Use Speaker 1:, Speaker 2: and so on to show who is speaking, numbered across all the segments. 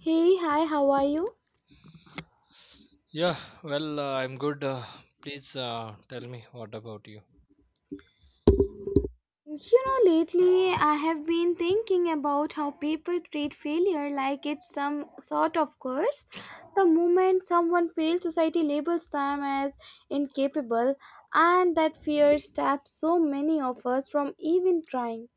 Speaker 1: Hey, hi, how are you?
Speaker 2: Yeah, well, I'm good. Please tell me what about you?
Speaker 1: You Lately I have been thinking about how people treat failure like it's some sort of curse. The moment someone fails, society labels them as incapable, and that fear stops so many of us from even trying.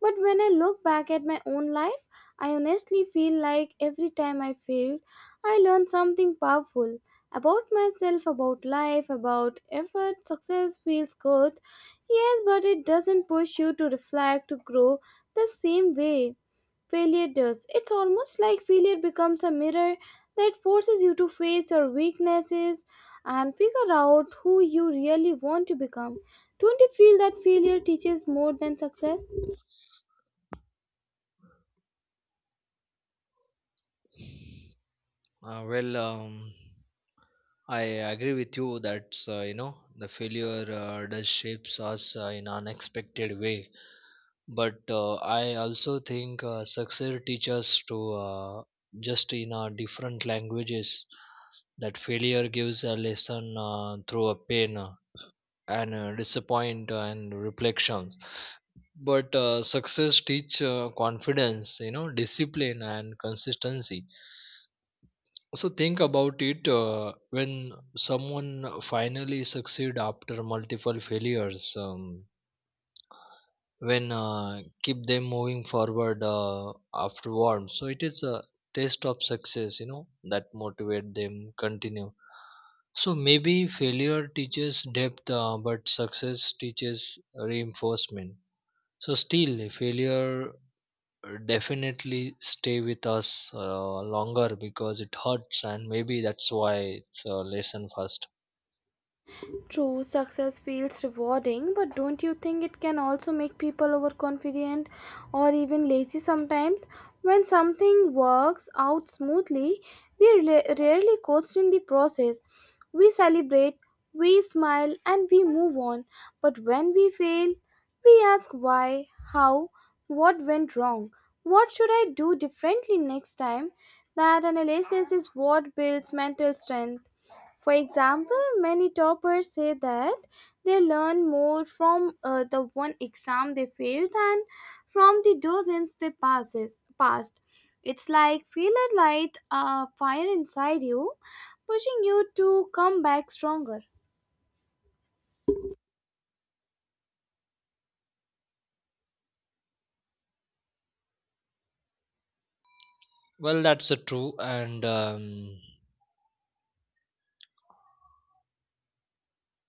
Speaker 1: But when I look back at my own life, I honestly feel like every time I failed, I learned something powerful about myself, about life, about effort. Success feels good. Yes, but it doesn't push you to reflect, to grow the same way failure does. It's almost like failure becomes a mirror that forces you to face your weaknesses and figure out who you really want to become. Don't you feel that failure teaches more than success?
Speaker 2: Well, I agree with you that the failure does shapes us in unexpected way. But I also think success teaches to just in different languages that failure gives a lesson through a pain and disappoint and reflection. But success teach confidence, discipline and consistency. So think about it when someone finally succeed after multiple failures. When keep them moving forward afterwards. So it is a taste of success, that motivate them continue. So maybe failure teaches depth, but success teaches reinforcement. So still, failure definitely stay with us longer because it hurts, and maybe that's why it's a lesson first.
Speaker 1: True, success feels rewarding, but don't you think it can also make people overconfident or even lazy sometimes? When something works out smoothly, we rarely question the process. We celebrate, we smile, and we move on. But when we fail, we ask why, how, what went wrong, what should I do differently next time? That analysis is what builds mental strength. For example, many toppers say that they learn more from the one exam they failed than from the dozens they passes passed. It's like feel a light fire inside you, pushing you to come back stronger.
Speaker 2: Well, that's true, and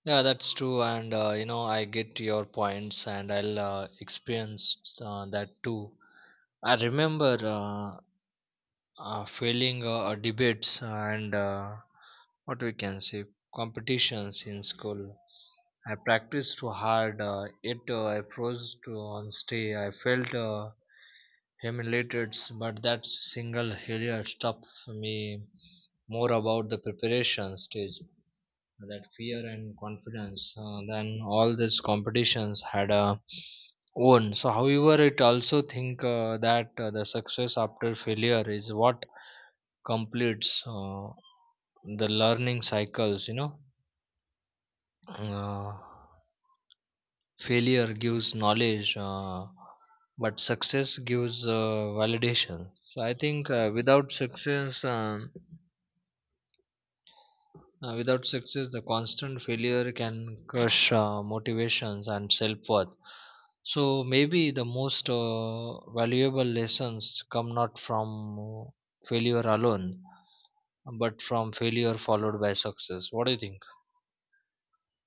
Speaker 2: yeah, that's true, and you know, I get your points, and I'll experience that too. I remember failing debates and what we can say competitions in school. I practiced too hard, yet I froze to on stay. I felt humiliated, but that single failure stopped me more about the preparation stage, that fear and confidence than all these competitions had own. So however it also think that the success after failure is what completes the learning cycles. Uh, Failure gives knowledge, but success gives validation. So I think without success, without success the constant failure can crush motivations and self-worth. So maybe the most valuable lessons come not from failure alone, but from failure followed by success. What do you think?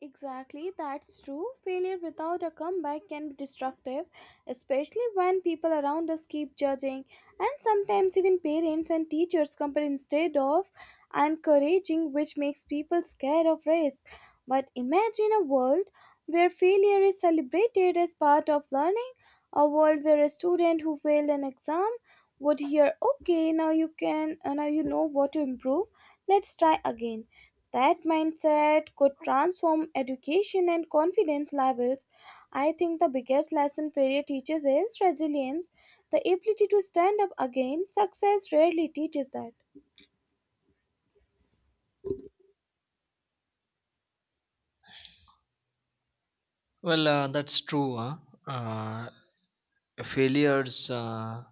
Speaker 1: Exactly, that's true. Failure without a comeback can be destructive, especially when people around us keep judging, and sometimes even parents and teachers compare instead of encouraging, which makes people scared of risk. But imagine a world where failure is celebrated as part of learning, a world where a student who failed an exam would hear, "Okay, now you can, now you know what to improve. Let's try again." That mindset could transform education and confidence levels. I think the biggest lesson failure teaches is resilience, the ability to stand up again. Success rarely teaches that.
Speaker 2: Well, that's true. Huh? Uh, Failures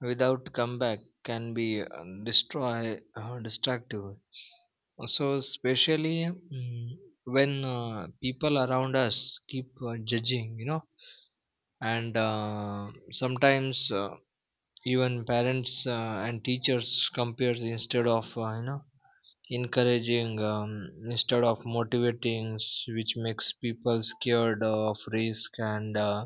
Speaker 2: without comeback can be destroy destructive. So, especially when people around us keep judging, you know, and sometimes even parents and teachers compares instead of encouraging, instead of motivating which makes people scared of risk, and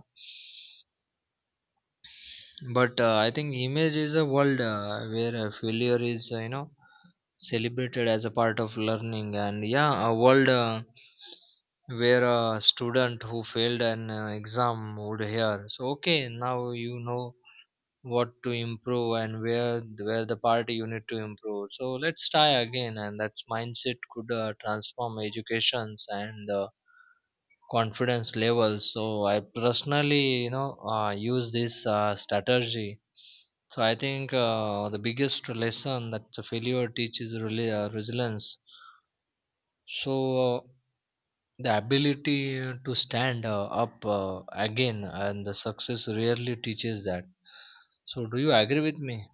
Speaker 2: but I think image is a world where failure is, you know, celebrated as a part of learning, and yeah, a world where a student who failed an exam would hear, so okay, now you know what to improve, and where the party you need to improve, so let's try again. And that mindset could transform educations and confidence levels. So I personally, you know, use this strategy. So I think the biggest lesson that the failure teaches is really resilience. So uh, the ability to stand up again, and the success rarely teaches that. So do you agree with me?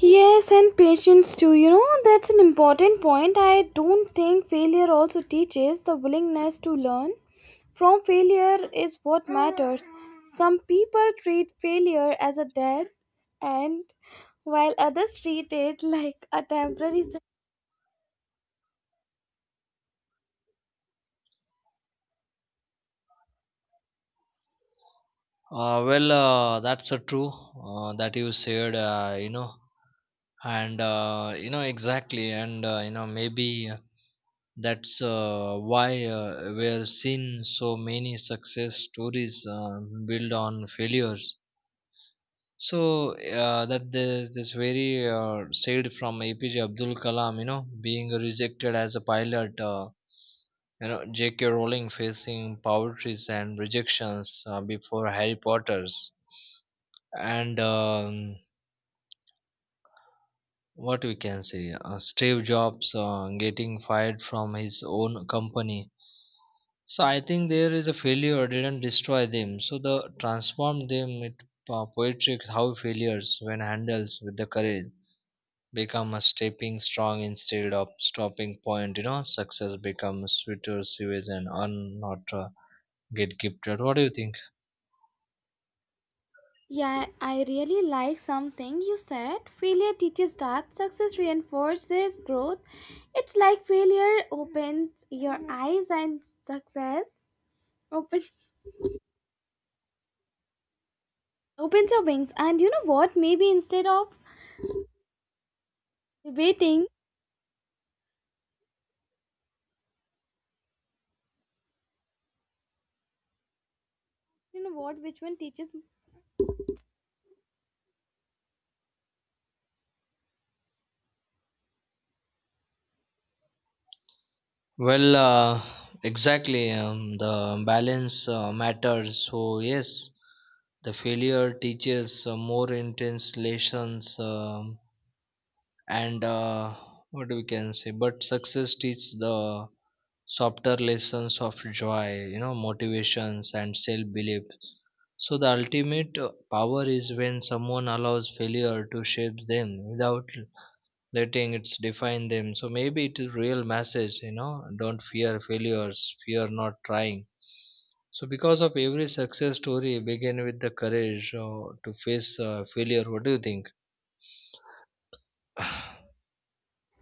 Speaker 1: Yes, and patience too. That's an important point. I don't think failure also teaches the willingness to learn. From failure is what matters. Some people treat failure as a death, and while others treat it like a temporary.
Speaker 2: Well, that's true that you said, you know, and you know, exactly, and you know, maybe that's why we're seeing so many success stories built on failures. So that this very said from APJ Abdul Kalam, you know, being rejected as a pilot, you know, J.K. Rowling facing poverty and rejections before Harry Potter's, and what we can say, Steve Jobs getting fired from his own company. So I think there is a failure didn't destroy them, so the transformed them. It poetic how failures, when handled with the courage, become a stepping strong instead of stopping point. You know success becomes sweeter sewage and un not get gifted. What do you think?
Speaker 1: Yeah, I really like something you said. Failure teaches depth, success reinforces growth. It's like failure opens your eyes and success opens opens your wings. And you know what? Maybe instead of debating, you know what, which one teaches.
Speaker 2: Well, exactly. The balance matters. So, yes, the failure teaches more intense lessons, and what we can say, but success teaches the softer lessons of joy, you know, motivations and self belief. So, the ultimate power is when someone allows failure to shape them without letting it define them. So maybe it is real message, you know, don't fear failures, fear not trying. So because of every success story begin with the courage to face failure. What do you think?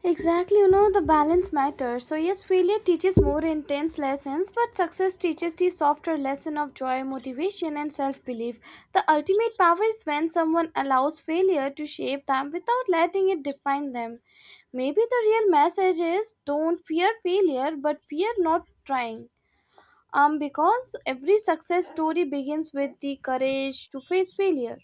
Speaker 1: Exactly, you know, the balance matters. So, yes, failure teaches more intense lessons, but success teaches the softer lesson of joy, motivation, and self belief. The ultimate power is when someone allows failure to shape them without letting it define them. Maybe the real message is don't fear failure, but fear not trying. Because every success story begins with the courage to face failure.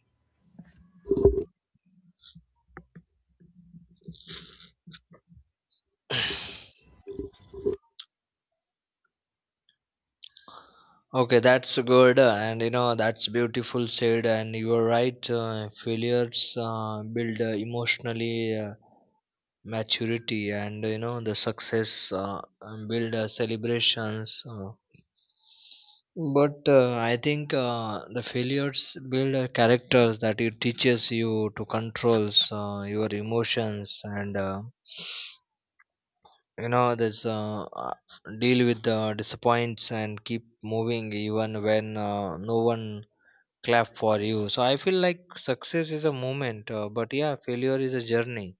Speaker 2: Okay, that's good, and you know, that's beautiful said, and you are right. Failures build emotionally uh, maturity, and you know the success and build celebrations, but I think the failures build characters, that it teaches you to controls your emotions, and you know, this deal with the disappoints and keep moving even when no one clap for you. So I feel like success is a moment, but yeah, failure is a journey.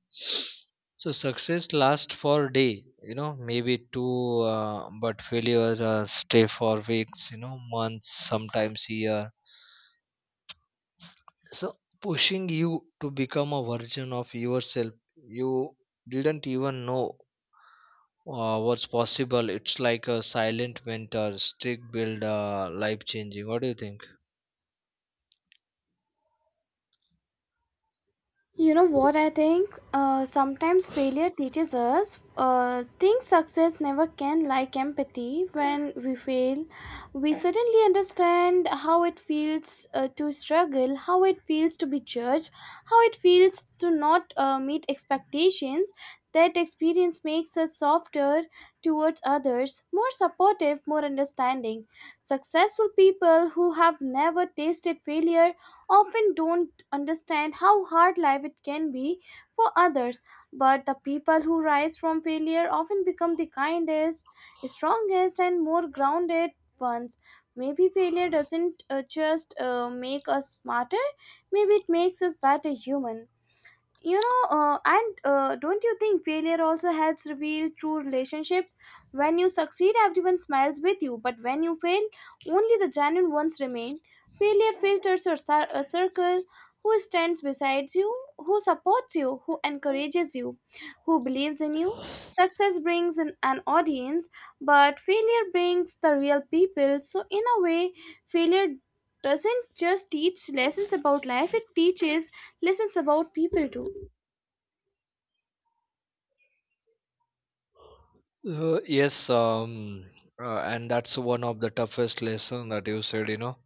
Speaker 2: So success lasts for day, you know, maybe two, but failures stay for weeks, you know, months, sometimes year. So pushing you to become a version of yourself you didn't even know was possible. It's like a silent mentor, stick builder, life changing. What do you think?
Speaker 1: You know what I think? Sometimes failure teaches us things success never can, like empathy. When we fail, we suddenly understand how it feels to struggle, how it feels to be judged, how it feels to not meet expectations. That experience makes us softer towards others, more supportive, more understanding. Successful people who have never tasted failure often don't understand how hard life it can be for others, but the people who rise from failure often become the kindest, strongest, and more grounded ones. Maybe failure doesn't just make us smarter. Maybe it makes us better human. And don't you think failure also helps reveal true relationships? When you succeed, everyone smiles with you, but when you fail, only the genuine ones remain. Failure filters your a circle, who stands beside you, who supports you, who encourages you, who believes in you. Success brings an audience, but failure brings the real people. So in a way, failure doesn't just teach lessons about life, it teaches lessons about people too.
Speaker 2: Yes, and that's one of the toughest lesson that you said. You know,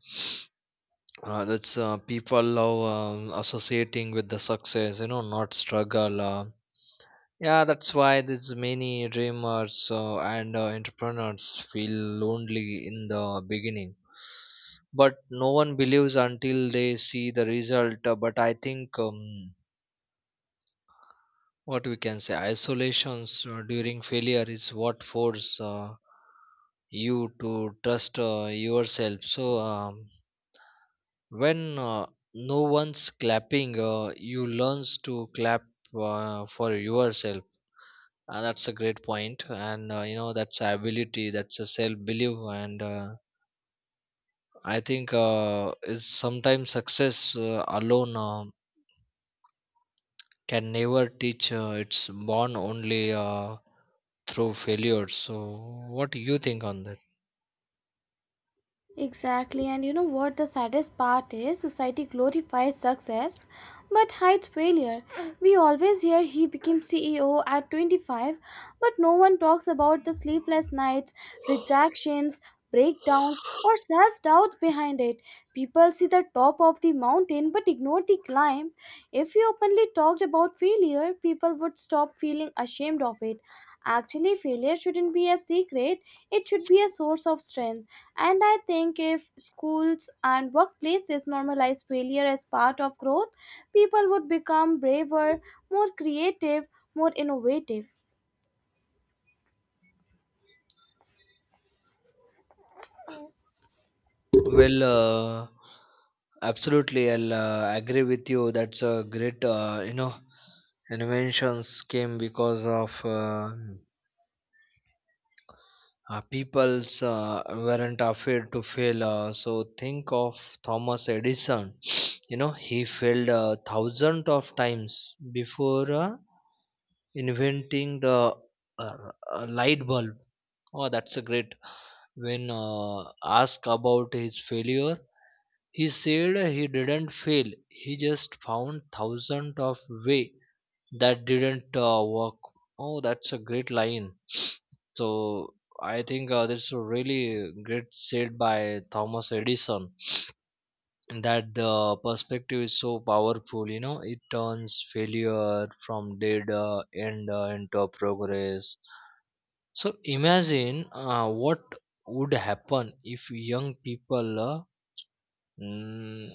Speaker 2: that's people love, associating with the success, you know, not struggle. Yeah, that's why there's many dreamers and entrepreneurs feel lonely in the beginning. But no one believes until they see the result. But I think, what we can say, isolations during failure is what force you to trust yourself. So when no one's clapping, you learns to clap for yourself. And that's a great point. And you know, that's a ability, that's a self belief, and I think is sometimes success alone can never teach. It's born only through failure. So, what do you think on that?
Speaker 1: Exactly, and you know what the saddest part is? Society glorifies success but hides failure. We always hear he became CEO at 25, but no one talks about the sleepless nights, rejections, breakdowns, or self doubt behind it. People see the top of the mountain but ignore the climb. If we openly talked about failure, people would stop feeling ashamed of it. Actually, failure shouldn't be a secret, it should be a source of strength. And I think if schools and workplaces normalize failure as part of growth, people would become braver, more creative, more innovative.
Speaker 2: Well, absolutely, I'll agree with you. That's a great, you know, inventions came because of people's weren't afraid to fail. So, think of Thomas Edison. You know, he failed thousands of times before inventing the uh, light bulb. Oh, that's a great. When asked about his failure, he said he didn't fail. He just found thousands of way that didn't work. Oh, that's a great line. So I think, that's a really great said by Thomas Edison, that the perspective is so powerful. You know, it turns failure from dead end into a progress. So imagine what would happen if young people, mm,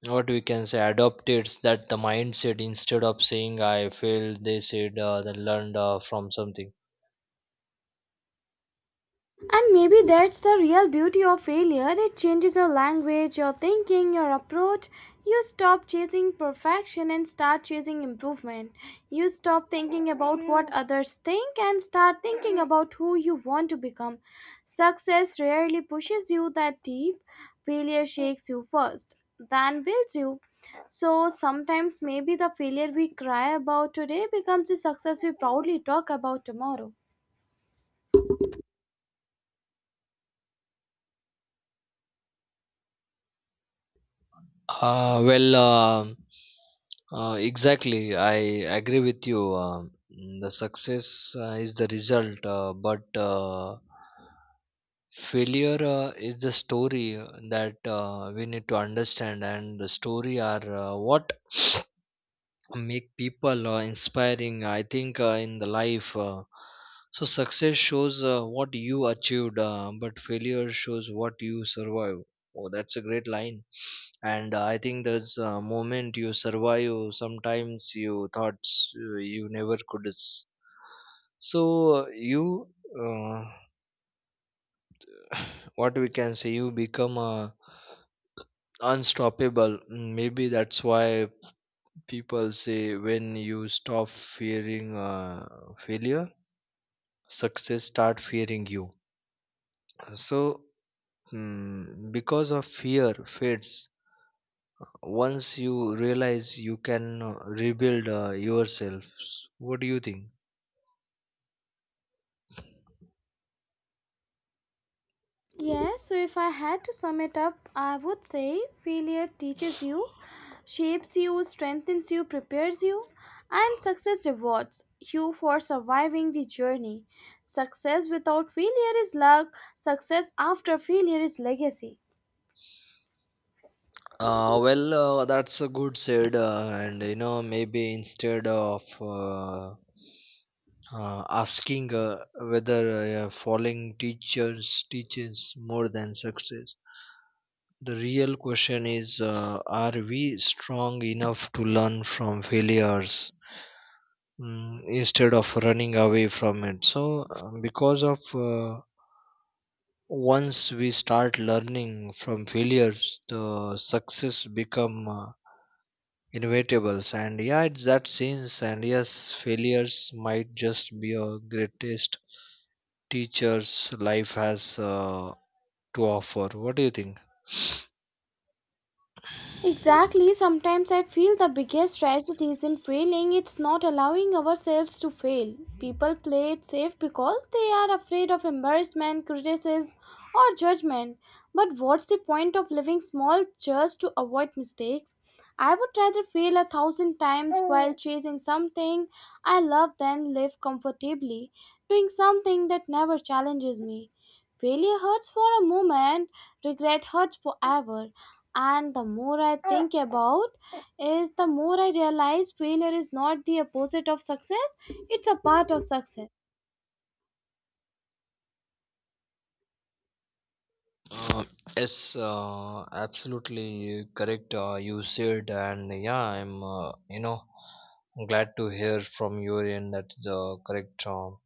Speaker 2: what we can say, adopted that the mindset. Instead of saying I failed, they said they learned from something.
Speaker 1: And maybe that's the real beauty of failure. It changes your language, your thinking, your approach. You stop chasing perfection and start chasing improvement. You stop thinking about what others think and start thinking about who you want to become. Success rarely pushes you that deep. Failure shakes you first, then builds you. So sometimes maybe the failure we cry about today becomes a success we proudly talk about tomorrow.
Speaker 2: Well, exactly. I agree with you. The success is the result, but failure is the story that we need to understand, and the story are what make people inspiring, I think, in the life. So success shows what you achieved, but failure shows what you survive. Oh, that's a great line. And I think there's a moment you survive sometimes you thought you never could so you, uh, what we can say, you become unstoppable. Maybe that's why people say when you stop fearing failure, success start fearing you. So because of fear fades once you realize you can rebuild yourself. What do you think?
Speaker 1: Yes, so if I had to sum it up, I would say failure teaches you, shapes you, strengthens you, prepares you, and success rewards you for surviving the journey. Success without failure is luck, success after failure is legacy.
Speaker 2: Well, that's a good said, and you know, maybe instead of asking whether falling teachers teaches more than success, the real question is, are we strong enough to learn from failures, instead of running away from it? So, because of, once we start learning from failures, the success become inevitables. And yeah, it's that sense. And yes, failures might just be our greatest teachers life has to offer. What do you think?
Speaker 1: Exactly, sometimes I feel the biggest tragedy isn't failing, it's not allowing ourselves to fail. People play it safe because they are afraid of embarrassment, criticism, or judgment. But what's the point of living small just to avoid mistakes? I would rather fail a thousand times while chasing something I love than live comfortably, doing something that never challenges me. Failure hurts for a moment, regret hurts forever. And the more I think about is the more I realize failure is not the opposite of success, it's a part of success.
Speaker 2: Uh, yes, absolutely correct, you said, and yeah, I'm, you know, glad to hear from your end that the correct.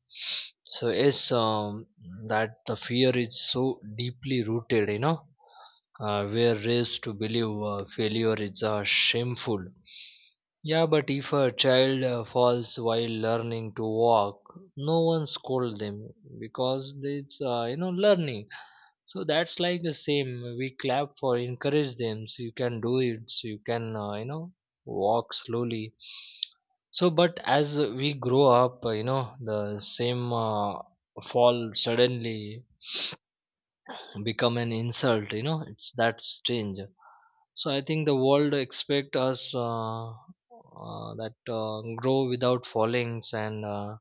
Speaker 2: So yes, that the fear is so deeply rooted. You know, we're raised to believe failure is shameful. Yeah, but if a child falls while learning to walk, no one scold them because it's, you know, learning. So that's like the same. We clap for encourage them. So you can do it. So you can, you know, walk slowly. So but as we grow up, you know, the same fall suddenly become an insult. You know it's that strange. So I think the world expect us that grow without fallings, and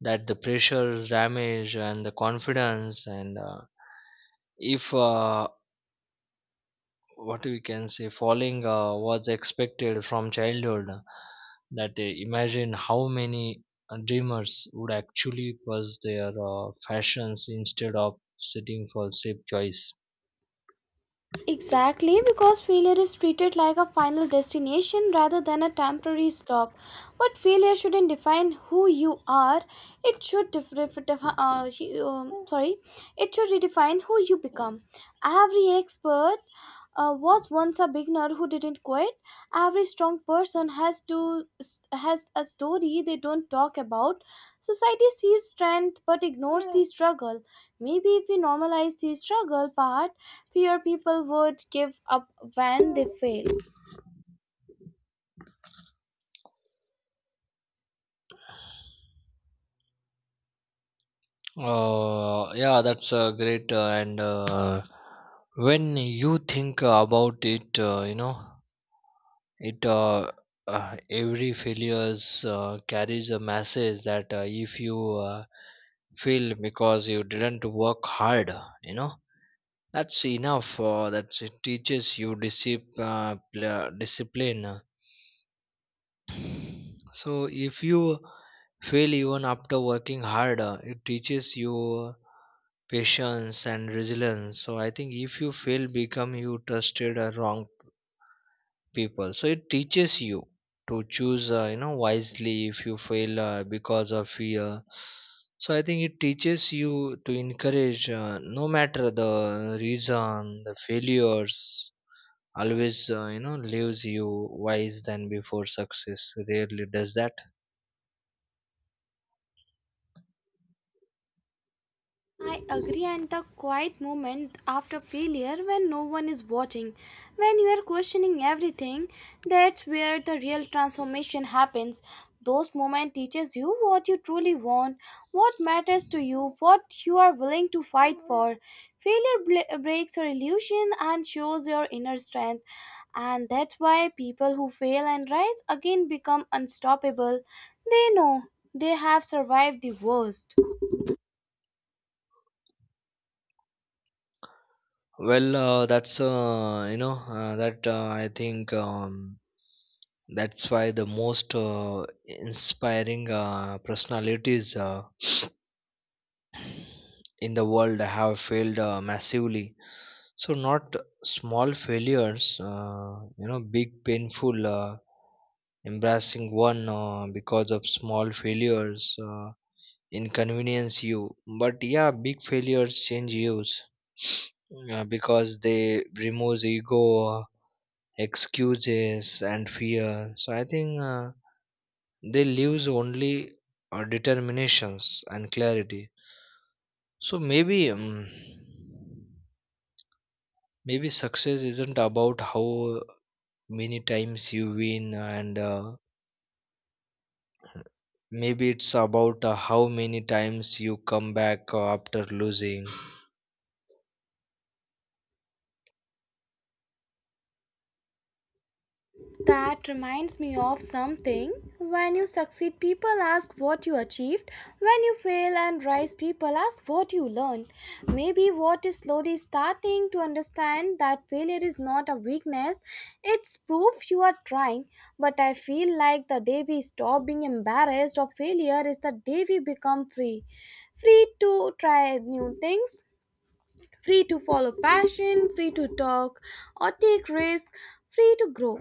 Speaker 2: that the pressure damage and the confidence, and if what we can say falling was expected from childhood, that imagine how many dreamers would actually pursue their fashions instead of sitting for safe choice.
Speaker 1: Exactly, because failure is treated like a final destination rather than a temporary stop. But failure shouldn't define who you are. It should def- def- def- she- Sorry, it should redefine who you become. Every expert was once a beginner who didn't quit. Every strong person has a story they don't talk about. Society sees strength but ignores the struggle. Maybe if we normalize the struggle part, fewer people would give up when they fail.
Speaker 2: Yeah, that's great. And when you think about it, it uh, every failures carries a message that if you fail because you didn't work hard, you know, that's enough. That's it teaches you discipline. So if you fail even after working hard, it teaches you patience and resilience. So I think if you fail, become you trusted wrong people. So it teaches you to choose, wisely. If you fail because of fear, so I think it teaches you to encourage, no matter the reason, the failures. Always, leaves you wise than before success. Rarely does that.
Speaker 1: I agree, and the quiet moment after failure when no one is watching, when you are questioning everything, that's where the real transformation happens. Those moments teaches you what you truly want, what matters to you, what you are willing to fight for. Failure breaks your illusion and shows your inner strength, and that's why people who fail and rise again become unstoppable. They know they have survived the worst.
Speaker 2: Well, that's you know that I think, that's why the most inspiring personalities in the world have failed massively. So not small failures, big painful, embarrassing one because of small failures inconvenience you. But yeah, big failures change you because they removes ego. Excuses and fear. So I think they lose only determinations and clarity. So maybe success isn't about how many times you win, and maybe it's about how many times you come back after losing.
Speaker 1: That reminds me of something. When you succeed, people ask what you achieved. When you fail and rise, people ask what you learned. Maybe what is slowly starting to understand that failure is not a weakness, it's proof you are trying. But I feel like the day we stop being embarrassed of failure is the day we become free. Free to try new things, free to follow passion, free to talk or take risks, free to grow.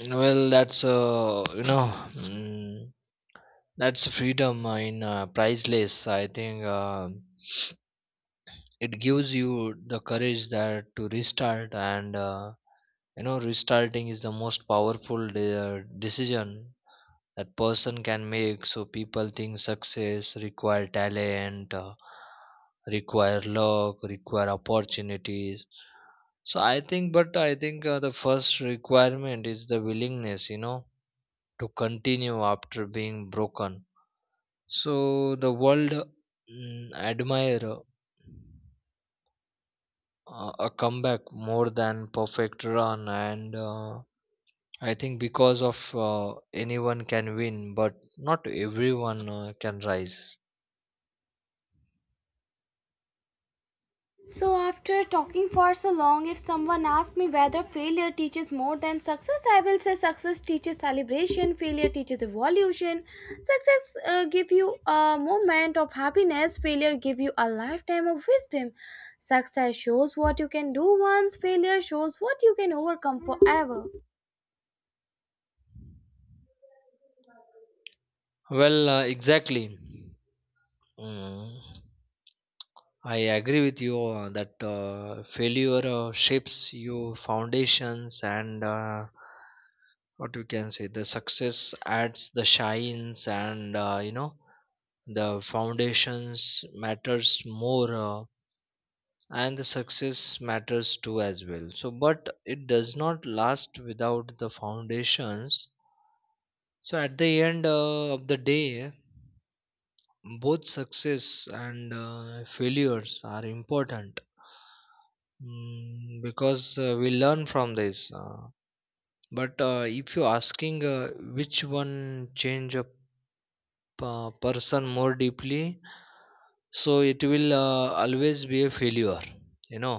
Speaker 2: Well, that's you know. Mm, that's freedom, in priceless, I think. It gives you the courage that to restart, and restarting is the most powerful decision that person can make. So people think success require talent, require luck, require opportunities. So i think but i think uh, the first requirement is the willingness, to continue after being broken. So the world admire a comeback more than perfect run, and I think, because of, uh, anyone can win, but not everyone can rise.
Speaker 1: So, after talking for so long, if someone asks me whether failure teaches more than success, I will say success teaches celebration, failure teaches evolution. Success give you a moment of happiness, failure give you a lifetime of wisdom. Success shows what you can do once, failure shows what you can overcome forever.
Speaker 2: Well, exactly. Mm. I agree with you that failure shapes your foundations, and what we can say, the success adds the shines, and the foundations matters more, and the success matters too as well, so but it does not last without the foundations. So at the end of the day, both success and failures are important. Mm, because we learn from this, but if you're asking which one change a person more deeply, so it will always be a failure, you know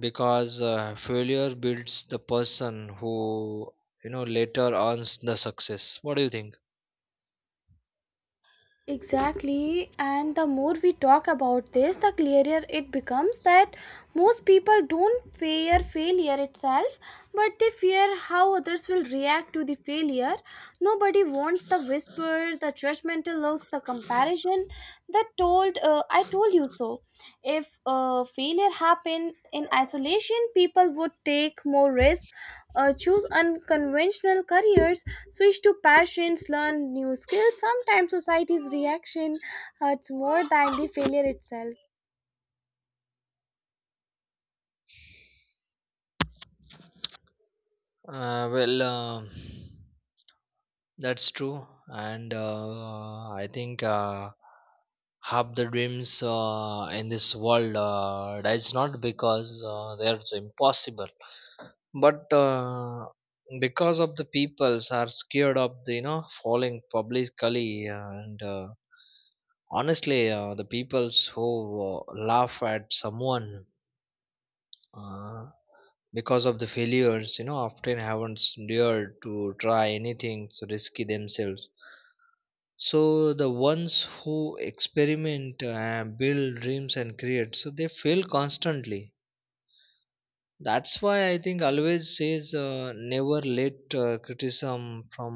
Speaker 2: because failure builds the person who, later earns the success. What do you think?
Speaker 1: Exactly, and the more we talk about this, the clearer it becomes that most people don't fear failure itself, but they fear how others will react to the failure. Nobody wants the whisper, the judgmental looks, the comparison that told, I told you so. If failure happened in isolation, people would take more risks, choose unconventional careers, switch to passions, learn new skills. Sometimes society's reaction hurts more than the failure itself.
Speaker 2: Well, that's true, and I think half the dreams in this world dies not because they are impossible, but because of the peoples are scared of the, falling publicly, and honestly, the peoples who laugh at someone uh, because of the failures, often haven't dared to try anything so risky themselves. So the ones who experiment, build dreams and create, so they fail constantly. That's why I think always says, never let criticism from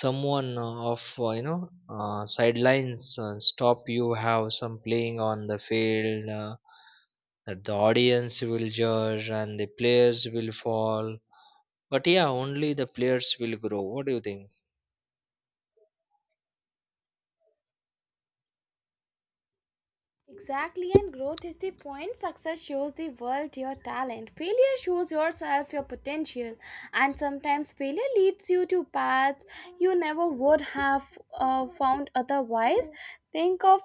Speaker 2: someone of sidelines stop you have some playing on the field, that the audience will judge and the players will fall, but yeah, only the players will grow. What do you think?
Speaker 1: Exactly, and growth is the point. Success shows the world your talent. Failure shows yourself your potential, and sometimes failure leads you to paths you never would have found otherwise. Think of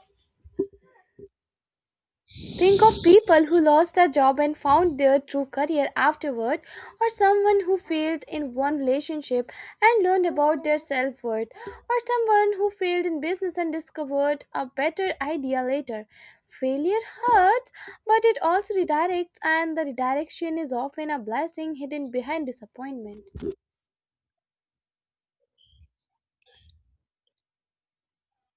Speaker 1: Think of people who lost a job and found their true career afterward, or someone who failed in one relationship and learned about their self worth, or someone who failed in business and discovered a better idea later. Failure hurts, but it also redirects, and the redirection is often a blessing hidden behind disappointment.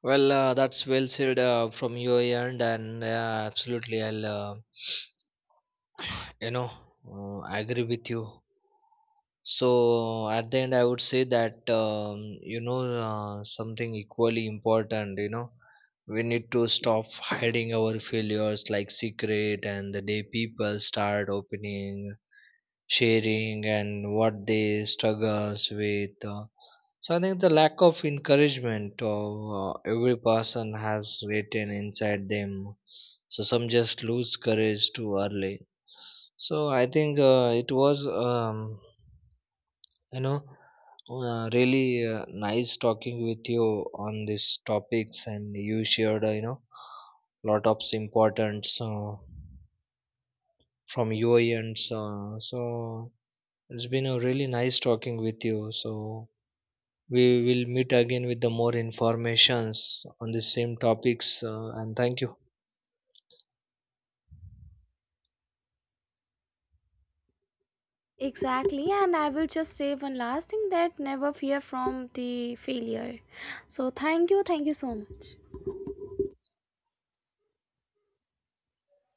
Speaker 2: Well, that's well said from your end, and yeah, absolutely, I'll you know agree with you. So at the end, I would say that, something equally important. You know, we need to stop hiding our failures like secret, and the day people start opening, sharing, and what they struggles with. So I think the lack of encouragement of, every person has written inside them. So some just lose courage too early. So I think it was you know really nice talking with you on these topics, and you shared lot of importance from your ends. So it's been a really nice talking with you. So we will meet again with the more informations on the same topics. And thank you.
Speaker 1: Exactly, and I will just say one last thing that never fear from the failure. So, thank you so much.